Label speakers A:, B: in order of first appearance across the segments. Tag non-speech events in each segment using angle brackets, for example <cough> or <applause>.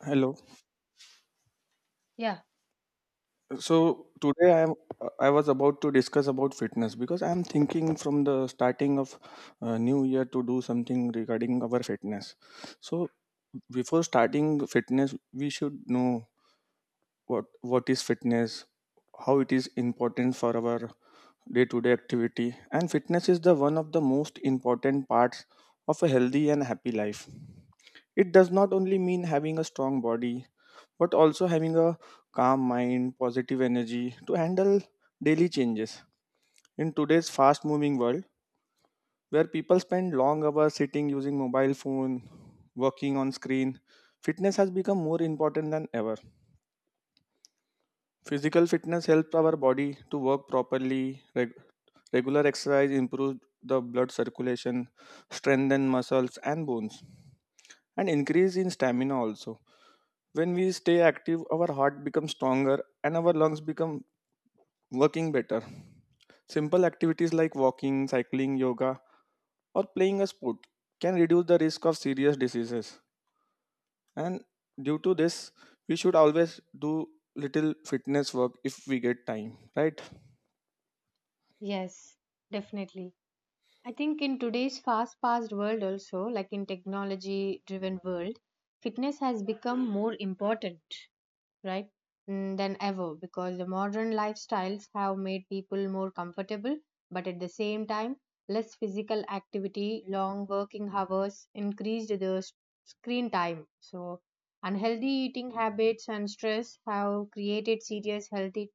A: Hello.
B: Yeah,
A: So today I was about to discuss about fitness because I am thinking from the starting of new year to do something regarding our fitness. So before starting fitness we should know what is fitness, how it is important for our day to day activity, and fitness is the one of the most important parts of a healthy and happy life. It does not only mean having a strong body but also having a calm mind, positive energy to handle daily changes. In today's fast moving world, where people spend long hours sitting using mobile phone, working on screen, fitness has become more important than ever. Physical fitness helps our body to work properly. Regular exercise improves the blood circulation, strengthen muscles and bones, and increase in stamina also. When we stay active our heart becomes stronger and our lungs become working better. Simple activities like walking, cycling, yoga, or playing a sport can reduce the risk of serious diseases. And due to this, we should always do little fitness work if we get time, right?
B: yes, definitely. I think in today's fast-paced world also, like in technology-driven world, fitness has become more important. Right, than ever, because the modern lifestyles have made people more comfortable, but at the same time less physical activity, long working hours, increased the screen time. So unhealthy eating habits and stress have created serious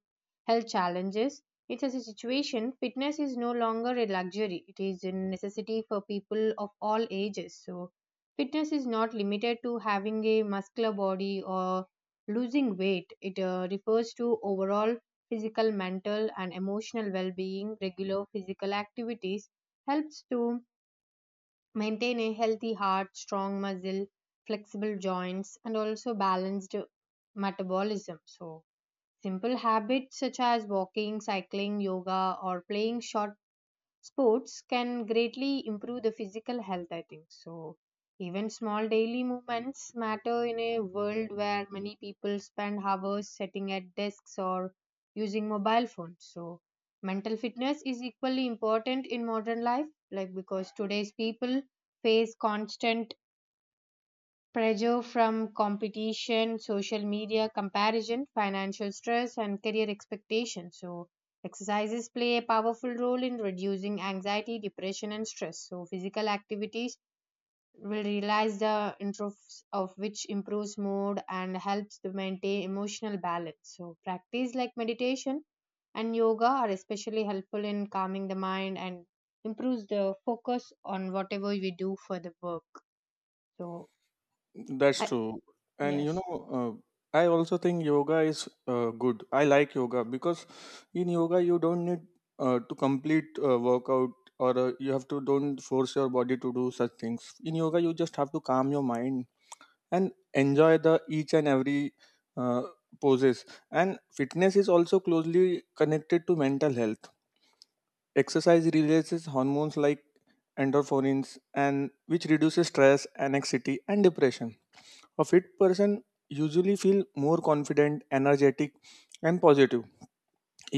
B: health challenges. It's as a situation fitness is no longer a luxury, it is a necessity for people of all ages. So fitness is not limited to having a muscular body or losing weight, it refers to overall physical, mental, and emotional well being. Regular physical activities helps to maintain a healthy heart, strong muscle, flexible joints, and also balanced metabolism. So simple habits such as walking, cycling, yoga, or playing short sports can greatly improve the physical health, I think. So even small daily movements matter in a world where many people spend hours sitting at desks or using mobile phones. So mental fitness is equally important in modern life, like because today's people face constant pressure from competition, social media, comparison, financial stress, and career expectations. So exercises play a powerful role in reducing anxiety, depression, and stress. So physical activities will realize the interests of which improves mood and helps to maintain emotional balance. So practice like meditation and yoga are especially helpful in calming the mind and improves the focus on whatever we do for the work. So,
A: That's
B: I,
A: true. And you
B: yes.
A: know, I also think yoga is good. I like yoga because in yoga you don't need to complete workout, or you have to don't force your body to do such things. In yoga you just have to calm your mind and enjoy the each and every uh, poses. And fitness is also closely connected to mental health. Exercise releases hormones like endorphins, and which reduces stress, anxiety and depression. A fit person usually feel more confident, energetic, and positive.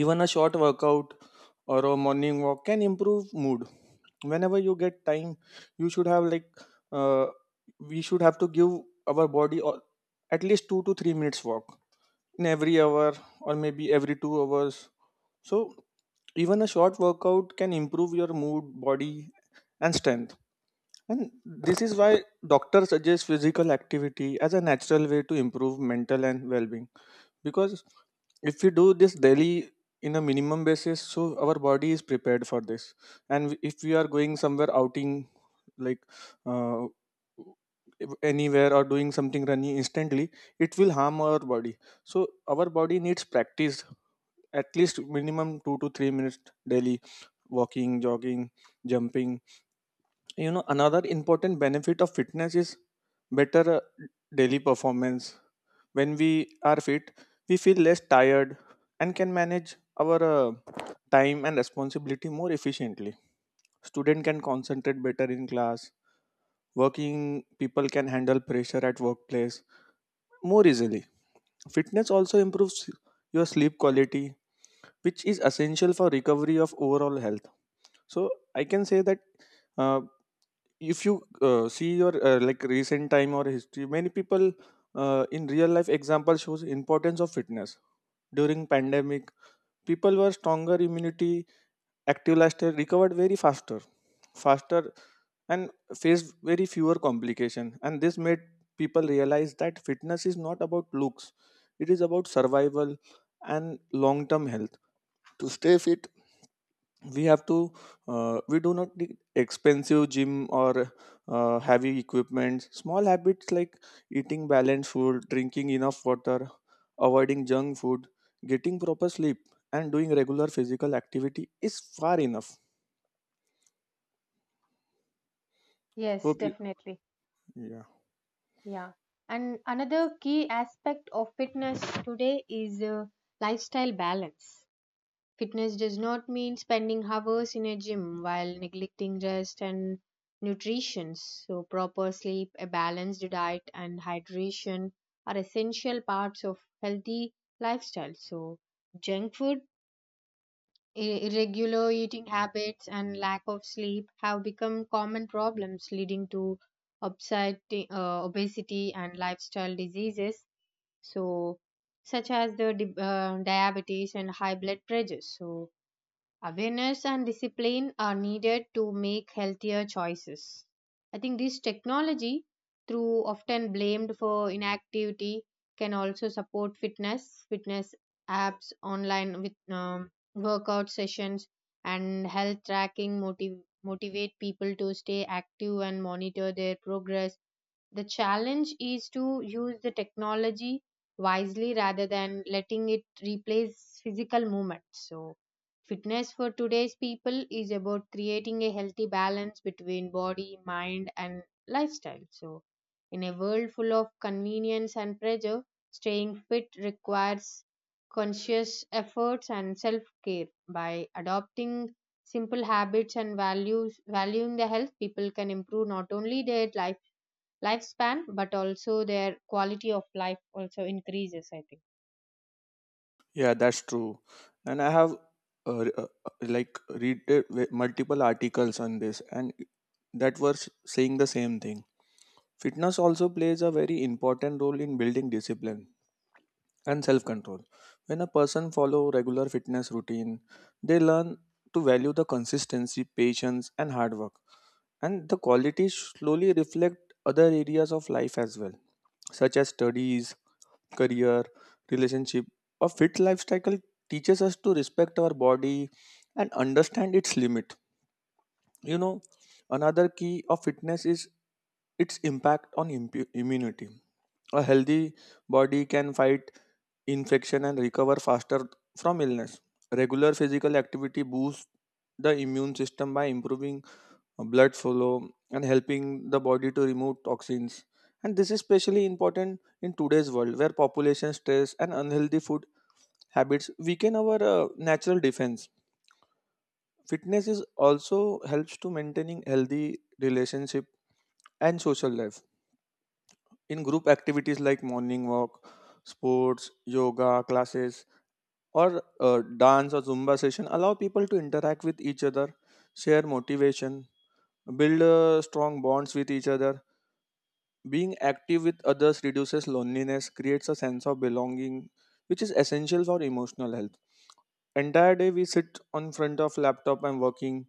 A: Even a short workout or a morning walk can improve mood. Whenever you get time, you should have like uh, we should have to give our body, or at least 2 to 3 minutes walk in every hour, or maybe every 2 hours. So even a short workout can improve your mood, body, and strength. And this is why doctors suggest physical activity as a natural way to improve mental and well-being. Because if we do this daily in a minimum basis, so our body is prepared for this. And if we are going somewhere outing, like uh, anywhere, or doing something running instantly, it will harm our body. So our body needs practice at least minimum 2 to 3 minutes daily, walking, jogging, jumping. You know, another important benefit of fitness is better daily performance. When we are fit, we feel less tired and can manage our time and responsibility more efficiently. Student can concentrate better in class. Working people can handle pressure at workplace more easily. Fitness also improves your sleep quality, which is essential for recovery of overall health. So I can say that uh, if you see your like recent time or history, many people in real life example shows importance of fitness. During pandemic, people were stronger immunity, active lifestyle, recovered very faster and faced very fewer complication, and this made people realize that fitness is not about looks, it is about survival and long term health. To stay fit, we have to we do not need expensive gym or heavy equipment. Small habits like eating balanced food, drinking enough water, avoiding junk food, getting proper sleep, and doing regular physical activity is far enough.
B: Yes,
A: Hope you,
B: definitely.
A: yeah,
B: Yeah. And another key aspect of fitness today is lifestyle balance. Fitness does not mean spending hours in a gym while neglecting rest and nutrition. So proper sleep, a balanced diet, and hydration are essential parts of healthy lifestyle. So junk food, irregular eating habits and lack of sleep have become common problems leading to obesity and lifestyle diseases, so such as the diabetes and high blood pressure. So awareness and discipline are needed to make healthier choices. I think this technology, through often blamed for inactivity, can also support fitness. Fitness apps, online with workout sessions, and health tracking motivate people to stay active and monitor their progress. The challenge is to use the technology wisely rather than letting it replace physical movement. So fitness for today's people is about creating a healthy balance between body, mind, and lifestyle. So in a world full of convenience and pressure, staying fit requires conscious efforts and self care. By adopting simple habits and values, valuing the health, people can improve not only their lifespan, but also their quality of life also increases, I think.
A: yeah, that's true. And I have like read multiple articles on this, and that were saying the same thing. Fitness also plays a very important role in building discipline and self control. When a person follow regular fitness routine, they learn to value the consistency, patience, and hard work. And the qualities slowly reflect other areas of life as well, such as studies, career, relationship. A fit lifestyle teaches us to respect our body and understand its limit. You know, another key of fitness is its impact on immunity. A healthy body can fight infection and recover faster from illness. Regular physical activity boosts the immune system by improving blood flow and helping the body to remove toxins. And this is especially important in today's world where population stress and unhealthy food habits weaken our natural defense. Fitness is also helps to maintaining healthy relationship and social life. In group activities like morning walk, sports, yoga classes, or dance or Zumba session allow people to interact with each other, share motivation, build strong bonds with each other. Being active with others reduces loneliness, creates a sense of belonging, which is essential for emotional health. Entire day we sit on front of laptop and working,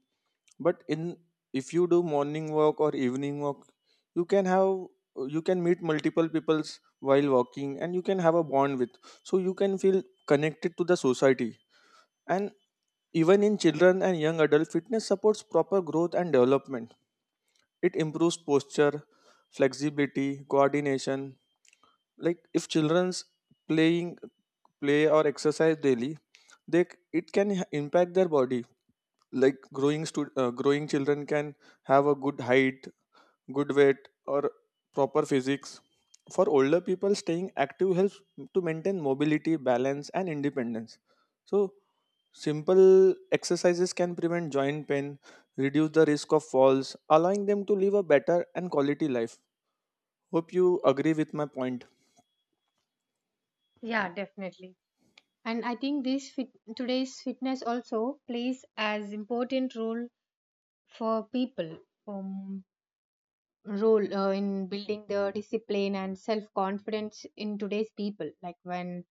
A: but in if you do morning walk or evening walk, you can have you can meet multiple peoples while walking and you can have a bond with. So you can feel connected to the society. And even in children and young adult, fitness supports proper growth and development. It improves posture, flexibility, coordination. Like if children's playing play or exercise daily, they c- it can h- impact their body. Like growing children can have a good height, good weight, or proper physics. For older people, staying active helps to maintain mobility, balance, and independence. So, simple exercises can prevent joint pain, reduce the risk of falls, allowing them to live a better and quality life. Hope you agree with my point.
B: Yeah, definitely. And I think this today's fitness also plays as important role for people, um, role in building the discipline and self confidence in today's people. Like when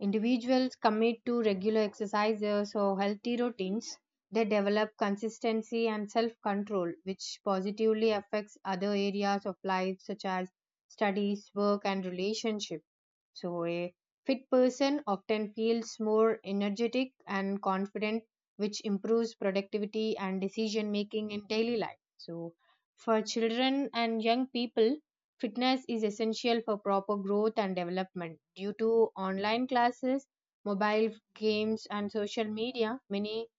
B: individuals commit to regular exercises or healthy routines, they develop consistency and self control, which positively affects other areas of life such as studies, work, and relationship. So a fit person often feels more energetic and confident, which improves productivity and decision making in daily life. So for children and young people, fitness is essential for proper growth and development. Due to online classes, mobile games, and social media, many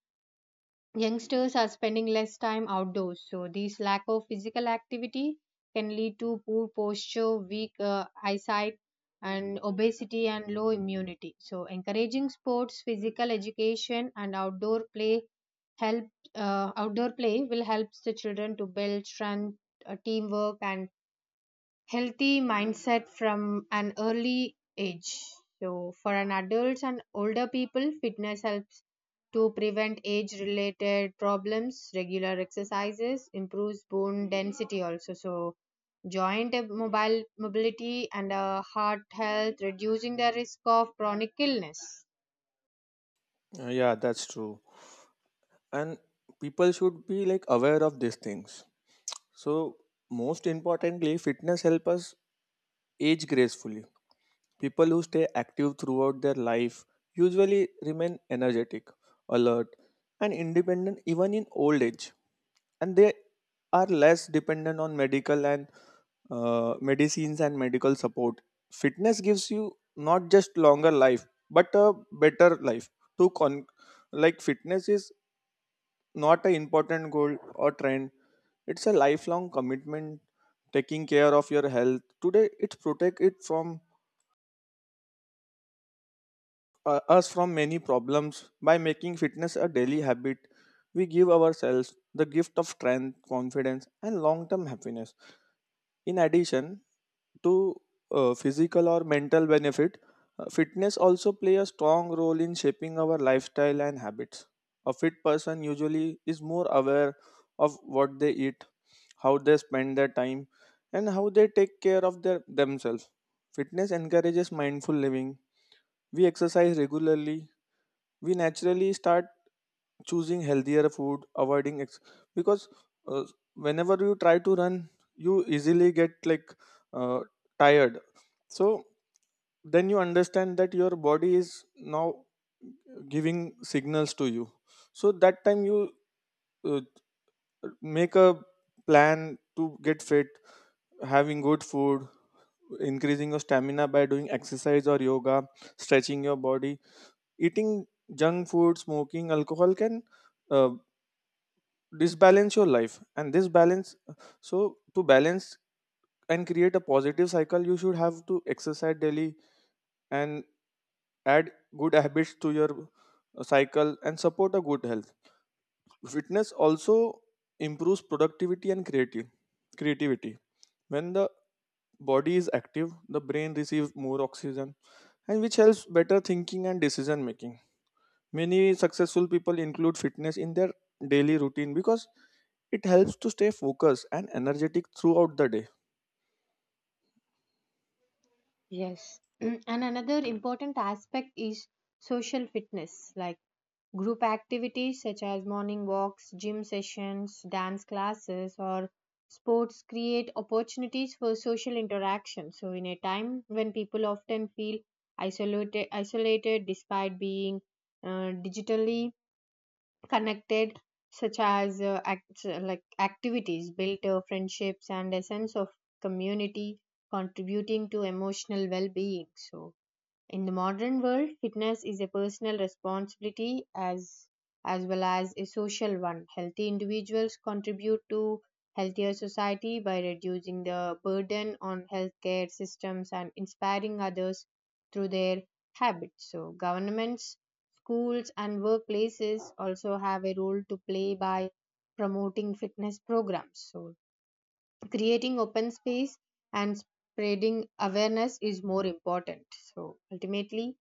B: youngsters are spending less time outdoors, so this lack of physical activity can lead to poor posture, weak eyesight, and obesity and low immunity. So encouraging sports, physical education, and outdoor play help, outdoor play will help the children to build strength, teamwork, and healthy mindset from an early age. So for an adults and older people, fitness helps to prevent age related problems, regular exercises, improves bone density also. So joint mobile mobility and heart health, reducing the risk of chronic illness.
A: Yeah, that's true. And people should be like aware of these things. So, most importantly, fitness help us age gracefully. People who stay active throughout their life usually remain energetic, alert, and independent even in old age, and they are less dependent on medical and medicines and medical support. Fitness gives you not just longer life but a better life. To con- like fitness is not an important goal or trend. It's a lifelong commitment, taking care of your health. Today, it protects it from us from many problems. By making fitness a daily habit, we give ourselves the gift of strength, confidence, and long-term happiness. In addition, to physical or mental benefit, fitness also play a strong role in shaping our lifestyle and habits. A fit person usually is more aware of what they eat, how they spend their time, and how they take care of their themselves. Fitness encourages mindful living. We exercise regularly, we naturally start choosing healthier food, avoiding because uh, whenever you try to run, you easily get like uh, tired. So then you understand that your body is now giving signals to you. So that time you uh, make a plan to get fit, having good food, increasing your stamina by doing exercise or yoga, stretching your body. Eating junk food, smoking, alcohol can uh, disbalance your life and this balance. So to balance and create a positive cycle, you should have to exercise daily and add good habits to your cycle and support a good health. Fitness also improves productivity and creative creativity. When the body is active, the brain receives more oxygen, and which helps better thinking and decision making. Many successful people include fitness in their daily routine because it helps to stay focused and energetic throughout the day.
B: Yes. <clears throat> And another important aspect is social fitness, like group activities such as morning walks, gym sessions, dance classes, or sports create opportunities for social interaction. So in a time when people often feel isolated despite being digitally connected, such as activities build friendships and a sense of community, contributing to emotional well-being. So in the modern world, fitness is a personal responsibility as well as a social one. Healthy individuals contribute to healthier society by reducing the burden on healthcare systems and inspiring others through their habits. So governments, schools and workplaces also have a role to play by promoting fitness programs. So creating open space and spreading awareness is more important. So ultimately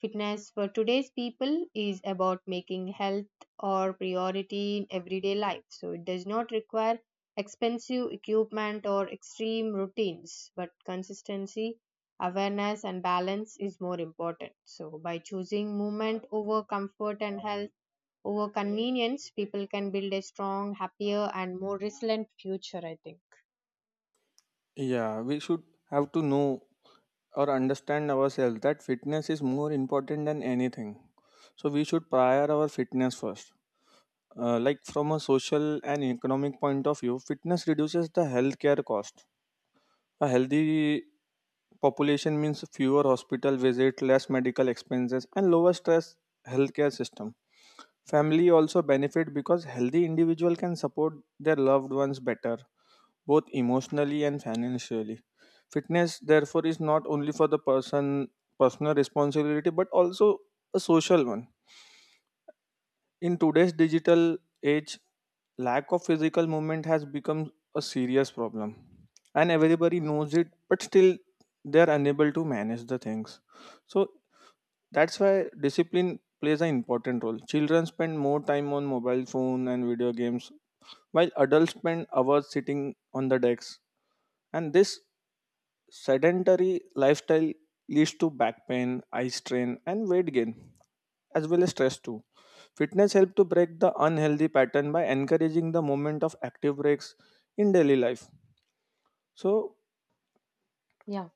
B: fitness for today's people is about making health or priority in everyday life. So it does not require expensive equipment or extreme routines, but consistency, awareness and balance is more important. So by choosing movement over comfort and health over convenience, people can build a strong, happier and more resilient future, I think.
A: Yeah, we should have to know or understand ourselves that fitness is more important than anything. So we should prior our fitness first. Like from a social and economic point of view, fitness reduces the healthcare cost. A healthy population means fewer hospital visits, less medical expenses, and lower stress healthcare system. Family also benefit because healthy individual can support their loved ones better, both emotionally and financially. Fitness, therefore, is not only for the personal responsibility, but also a social one. In today's digital age, lack of physical movement has become a serious problem. And everybody knows it, but still they are unable to manage the things. So that's why discipline plays an important role. Children spend more time on mobile phone and video games, while adults spend hours sitting on the decks. And this sedentary lifestyle leads to back pain, eye strain, and weight gain, as well as stress too. Fitness helps to break the unhealthy pattern by encouraging the movement of active breaks in daily life. So,
B: Yeah.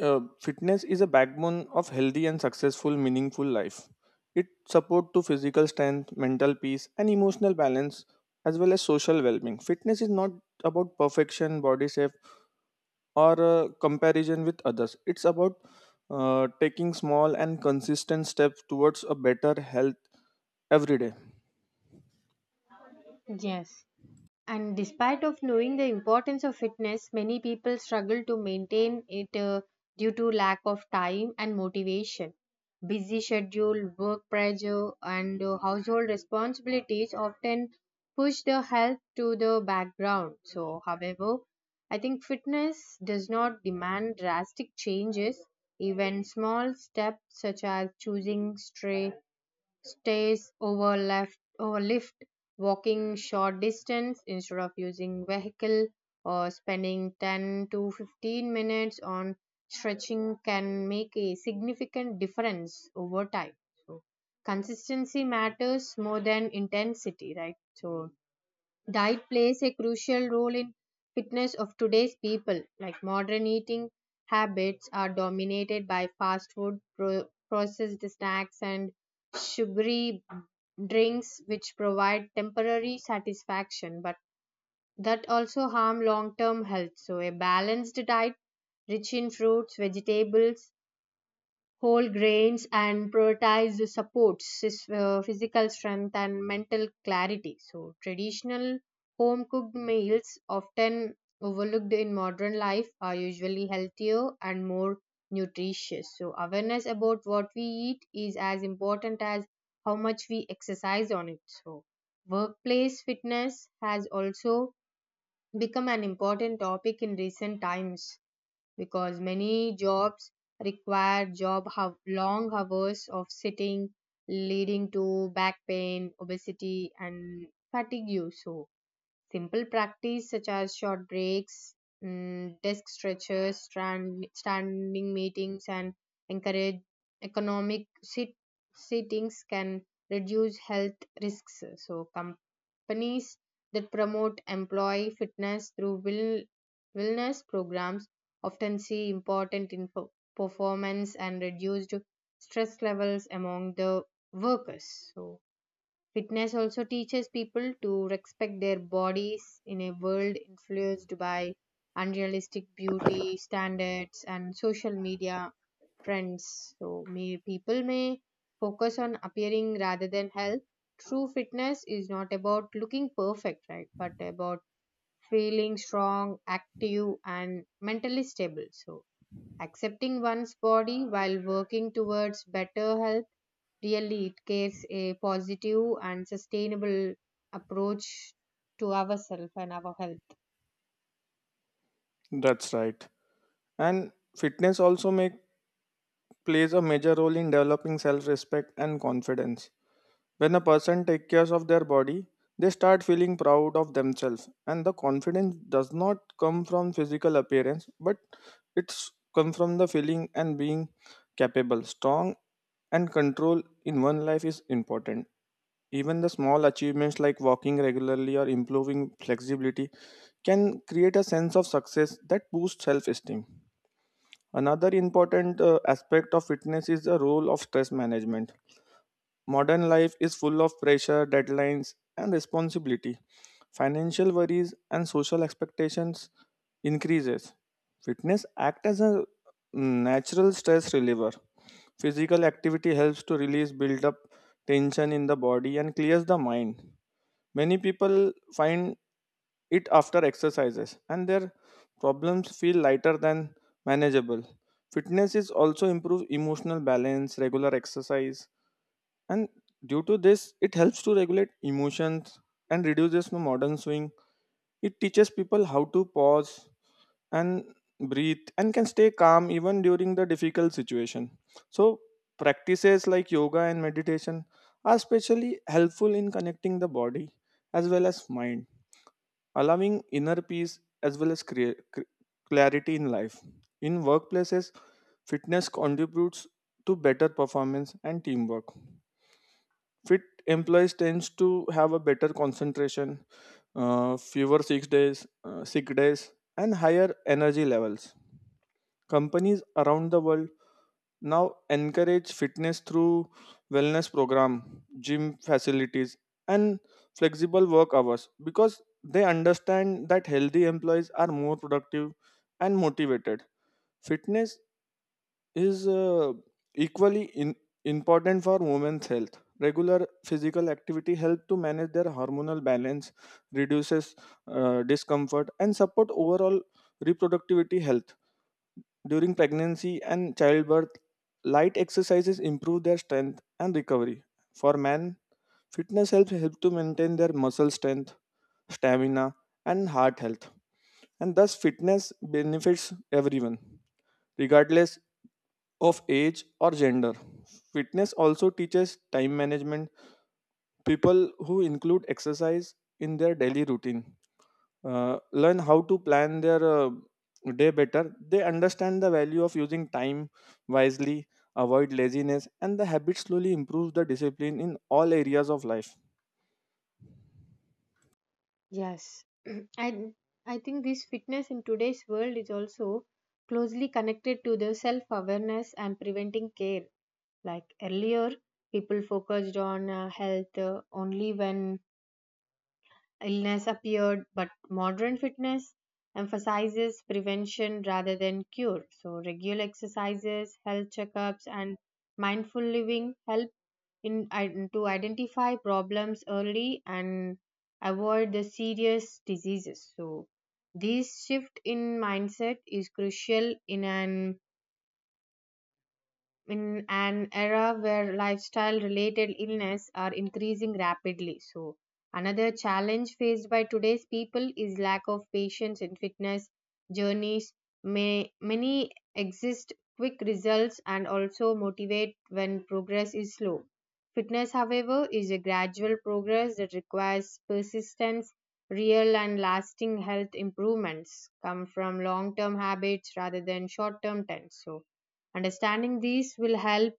A: fitness is a backbone of healthy and successful, meaningful life. It support to physical strength, mental peace, and emotional balance, as well as social well-being. Fitness is not about perfection, body shape, or comparison with others. It's about taking small and consistent steps towards a better health every day.
B: Yes. And despite of knowing the importance of fitness, many people struggle to maintain it due to lack of time and motivation. Busy schedule, work pressure, and household responsibilities often push the health to the background. So however, I think fitness does not demand drastic changes. Even small steps such as choosing stray stays over left over lift, walking short distance instead of using vehicle, or spending 10 to 15 minutes on stretching can make a significant difference over time. So consistency matters more than intensity, right? So diet plays a crucial role in fitness of today's people. Like modern eating habits are dominated by fast food, processed snacks and sugary drinks, which provide temporary satisfaction but that also harm long term health. So a balanced diet rich in fruits, vegetables, whole grains, and prioritize the supports physical strength and mental clarity. So traditional home cooked meals, often overlooked in modern life, are usually healthier and more nutritious. So awareness about what we eat is as important as how much we exercise on it. So workplace fitness has also become an important topic in recent times, because many jobs require long hours of sitting, leading to back pain, obesity and fatigue. So simple practice such as short breaks, desk stretches, standing meetings, and encourage economic sittings can reduce health risks. So companies that promote employee fitness through wellness programs often see important in performance and reduced stress levels among the workers. So fitness also teaches people to respect their bodies in a world influenced by unrealistic beauty standards and social media trends. So, people may focus on appearing rather than health. True fitness is not about looking perfect, right? But about feeling strong, active, and mentally stable. So accepting one's body while working towards better health really, it gives a positive and sustainable approach to ourselves and our health.
A: That's right. And fitness also make plays a major role in developing self-respect and confidence. When a person takes care of their body, they start feeling proud of themselves, and the confidence does not come from physical appearance, but it's come from the feeling and being capable, strong, and control in one life is important. Even the small achievements like walking regularly or improving flexibility can create a sense of success that boosts self esteem. Another important aspect of fitness is the role of stress management. Modern life is full of pressure, deadlines, and responsibility. Financial worries and social expectations increases. Fitness act as a natural stress reliever. Physical activity helps to release build up tension in the body and clears the mind. Many people find it after exercises and their problems feel lighter than manageable. Fitness is also improve emotional balance, regular exercise, and due to this, it helps to regulate emotions and reduces the modern swing. It teaches people how to pause and breathe and can stay calm even during the difficult situation. So practices like yoga and meditation are especially helpful in connecting the body as well as mind allowing inner peace as well as clarity in life. In workplaces, fitness contributes to better performance and teamwork. Fit employees tends to have a better concentration, fewer sick days, and higher energy levels. Companies around the world now encourage fitness through wellness program, gym facilities and flexible work hours because they understand that healthy employees are more productive and motivated. Fitness is equally in, important for women's health. Regular physical activity helps to manage their hormonal balance, reduces discomfort and support overall reproductivity health during pregnancy and childbirth, light exercises improve their strength and recovery. For men, fitness help to maintain their muscle strength, stamina, and heart health. And thus, fitness benefits everyone, regardless of age or gender. Fitness also teaches time management. People who include exercise in their daily routine learn how to plan their day better. They understand the value of using time wisely, avoid laziness, and the habit slowly improves the discipline in all areas of life.
B: Yes. <clears throat> And I think this fitness in today's world is also closely connected to the self awareness and preventing care. Like earlier, people focused on health only when illness appeared, but modern fitness emphasizes prevention rather than cure. So regular exercises, health checkups, and mindful living help to identify problems early and avoid the serious diseases. So this shift in mindset is crucial in an era where lifestyle related illness are increasing rapidly. So another challenge faced by today's people is lack of patience in fitness journeys. May many exist quick results and also motivate when progress is slow. Fitness, however, is a gradual progress that requires persistence. Real and lasting health improvements come from long term habits rather than short term trends. So understanding these will help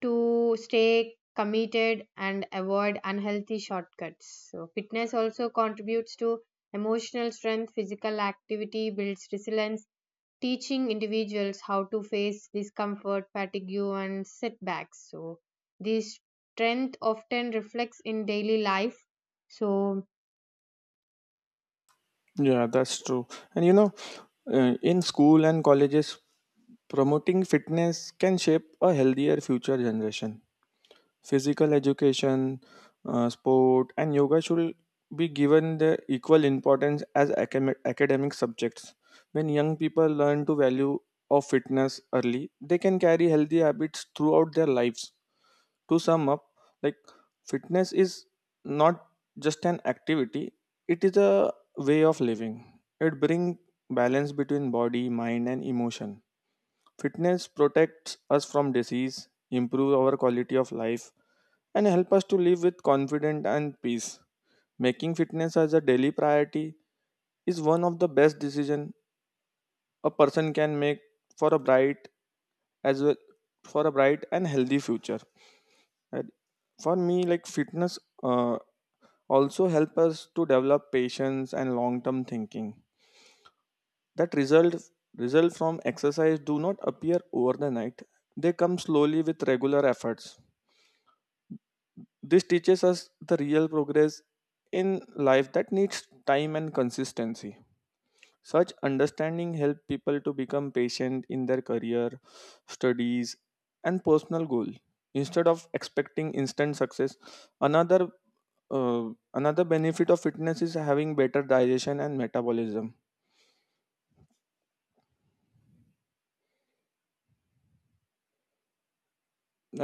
B: to stay committed and avoid unhealthy shortcuts. So fitness also contributes to emotional strength, physical activity builds resilience, teaching individuals how to face discomfort, fatigue, and setbacks. So this strength often reflects in daily life. So
A: Yeah, that's true. And you know, in school and colleges, promoting fitness can shape a healthier future generation. Physical education, sport, and yoga should be given the equal importance as academic subjects. When young people learn to value of fitness early, they can carry healthy habits throughout their lives. To sum up, like fitness is not just an activity; it is a way of living. It brings balance between body, mind, and emotion. Fitness protects us from disease, improve our quality of life, and help us to live with confidence and peace. Making fitness as a daily priority is one of the best decisions a person can make for a bright as well for a bright and healthy future. And for me, like fitness also help us to develop patience and long-term thinking. That result from exercise do not appear over the night. They come slowly with regular efforts. This teaches us the real progress in life that needs time and consistency. Such understanding help people to become patient in their career, studies, and personal goal. Instead of expecting instant success, another another benefit of fitness is having better digestion and metabolism.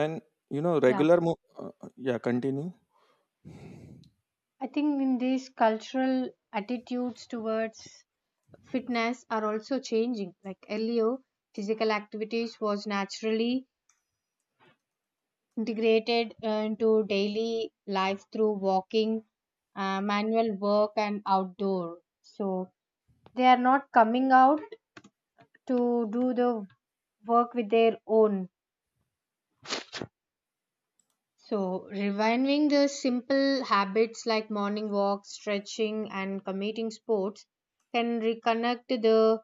A: And you know,
B: yeah,
A: yeah, continue.
B: I think in these cultural attitudes towards fitness are also changing. Like earlier, physical activities was naturally integrated into daily life through walking, manual work, and outdoor. So they are not coming out to do the work with their own. So reviving the simple habits like morning walks, stretching, and committing sports can reconnect the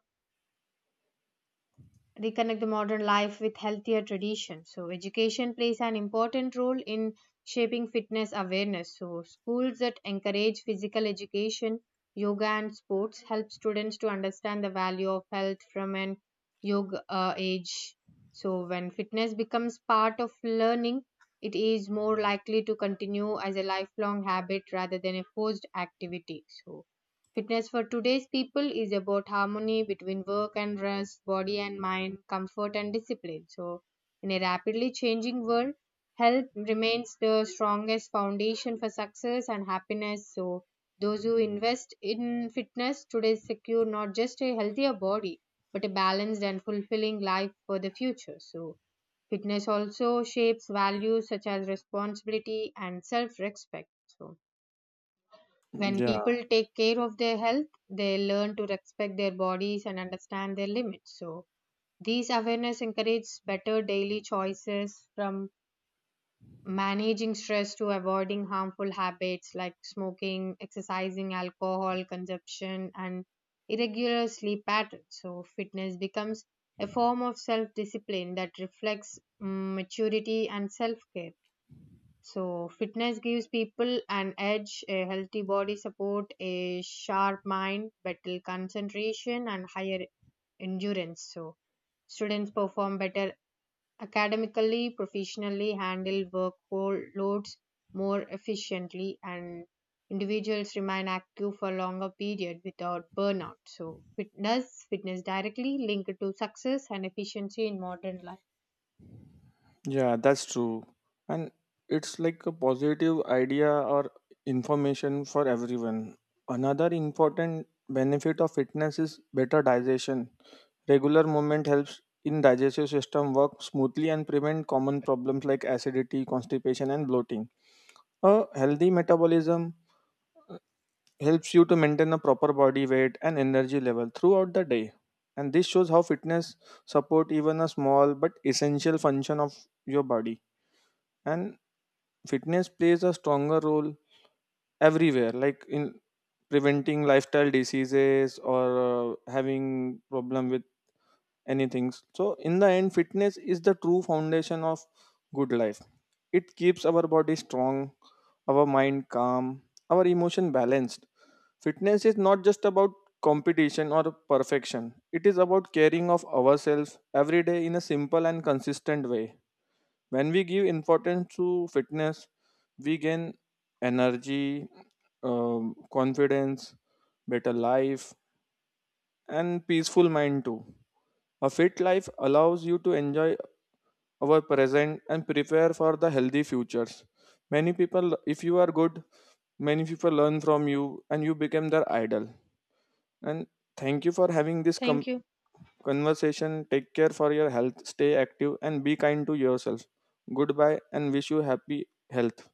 B: modern life with healthier traditions. So education plays an important role in shaping fitness awareness. So schools that encourage physical education, yoga, and sports help students to understand the value of health from an yoga age. So when fitness becomes part of learning, it is more likely to continue as a lifelong habit rather than a forced activity. So fitness for today's people is about harmony between work and rest, body and mind, comfort and discipline. So in a rapidly changing world, health remains the strongest foundation for success and happiness. So those who invest in fitness today secure not just a healthier body, but a balanced and fulfilling life for the future. So fitness also shapes values such as responsibility and self respect. So when
A: Yeah.
B: people take care of their health, they learn to respect their bodies and understand their limits. So these awareness encourages better daily choices from managing stress to avoiding harmful habits like smoking, exercising, alcohol consumption, and irregular sleep patterns. So fitness becomes a form of self discipline that reflects maturity and self care. So fitness gives people an edge, a healthy body support, a sharp mind, better concentration, and higher endurance. So students perform better academically, professionally, handle work loads more efficiently, and individuals remain active for longer period without burnout. So, fitness directly linked to success and efficiency in modern life.
A: Yeah, that's true. And it's like a positive idea or information for everyone. Another important benefit of fitness is better digestion. Regular movement helps in digestive system work smoothly and prevent common problems like acidity, constipation and bloating. A healthy metabolism helps you to maintain a proper body weight and energy level throughout the day. And this shows how fitness support even a small but essential function of your body. And fitness plays a stronger role everywhere like in preventing lifestyle diseases or having problem with anything. So in the end, fitness is the true foundation of good life. It keeps our body strong, our mind calm, our emotion balanced. Fitness is not just about competition or perfection. It is about caring of ourselves every day in a simple and consistent way. When we give importance to fitness, we gain energy, confidence, better life, and peaceful mind too. A fit life allows you to enjoy our present and prepare for the healthy futures. Many people, if you are good, many people learn from you and you become their idol. And thank you for having
B: Thank you.
A: conversation. Take care for your health, stay active, and be kind to yourself. Goodbye and wish you happy health.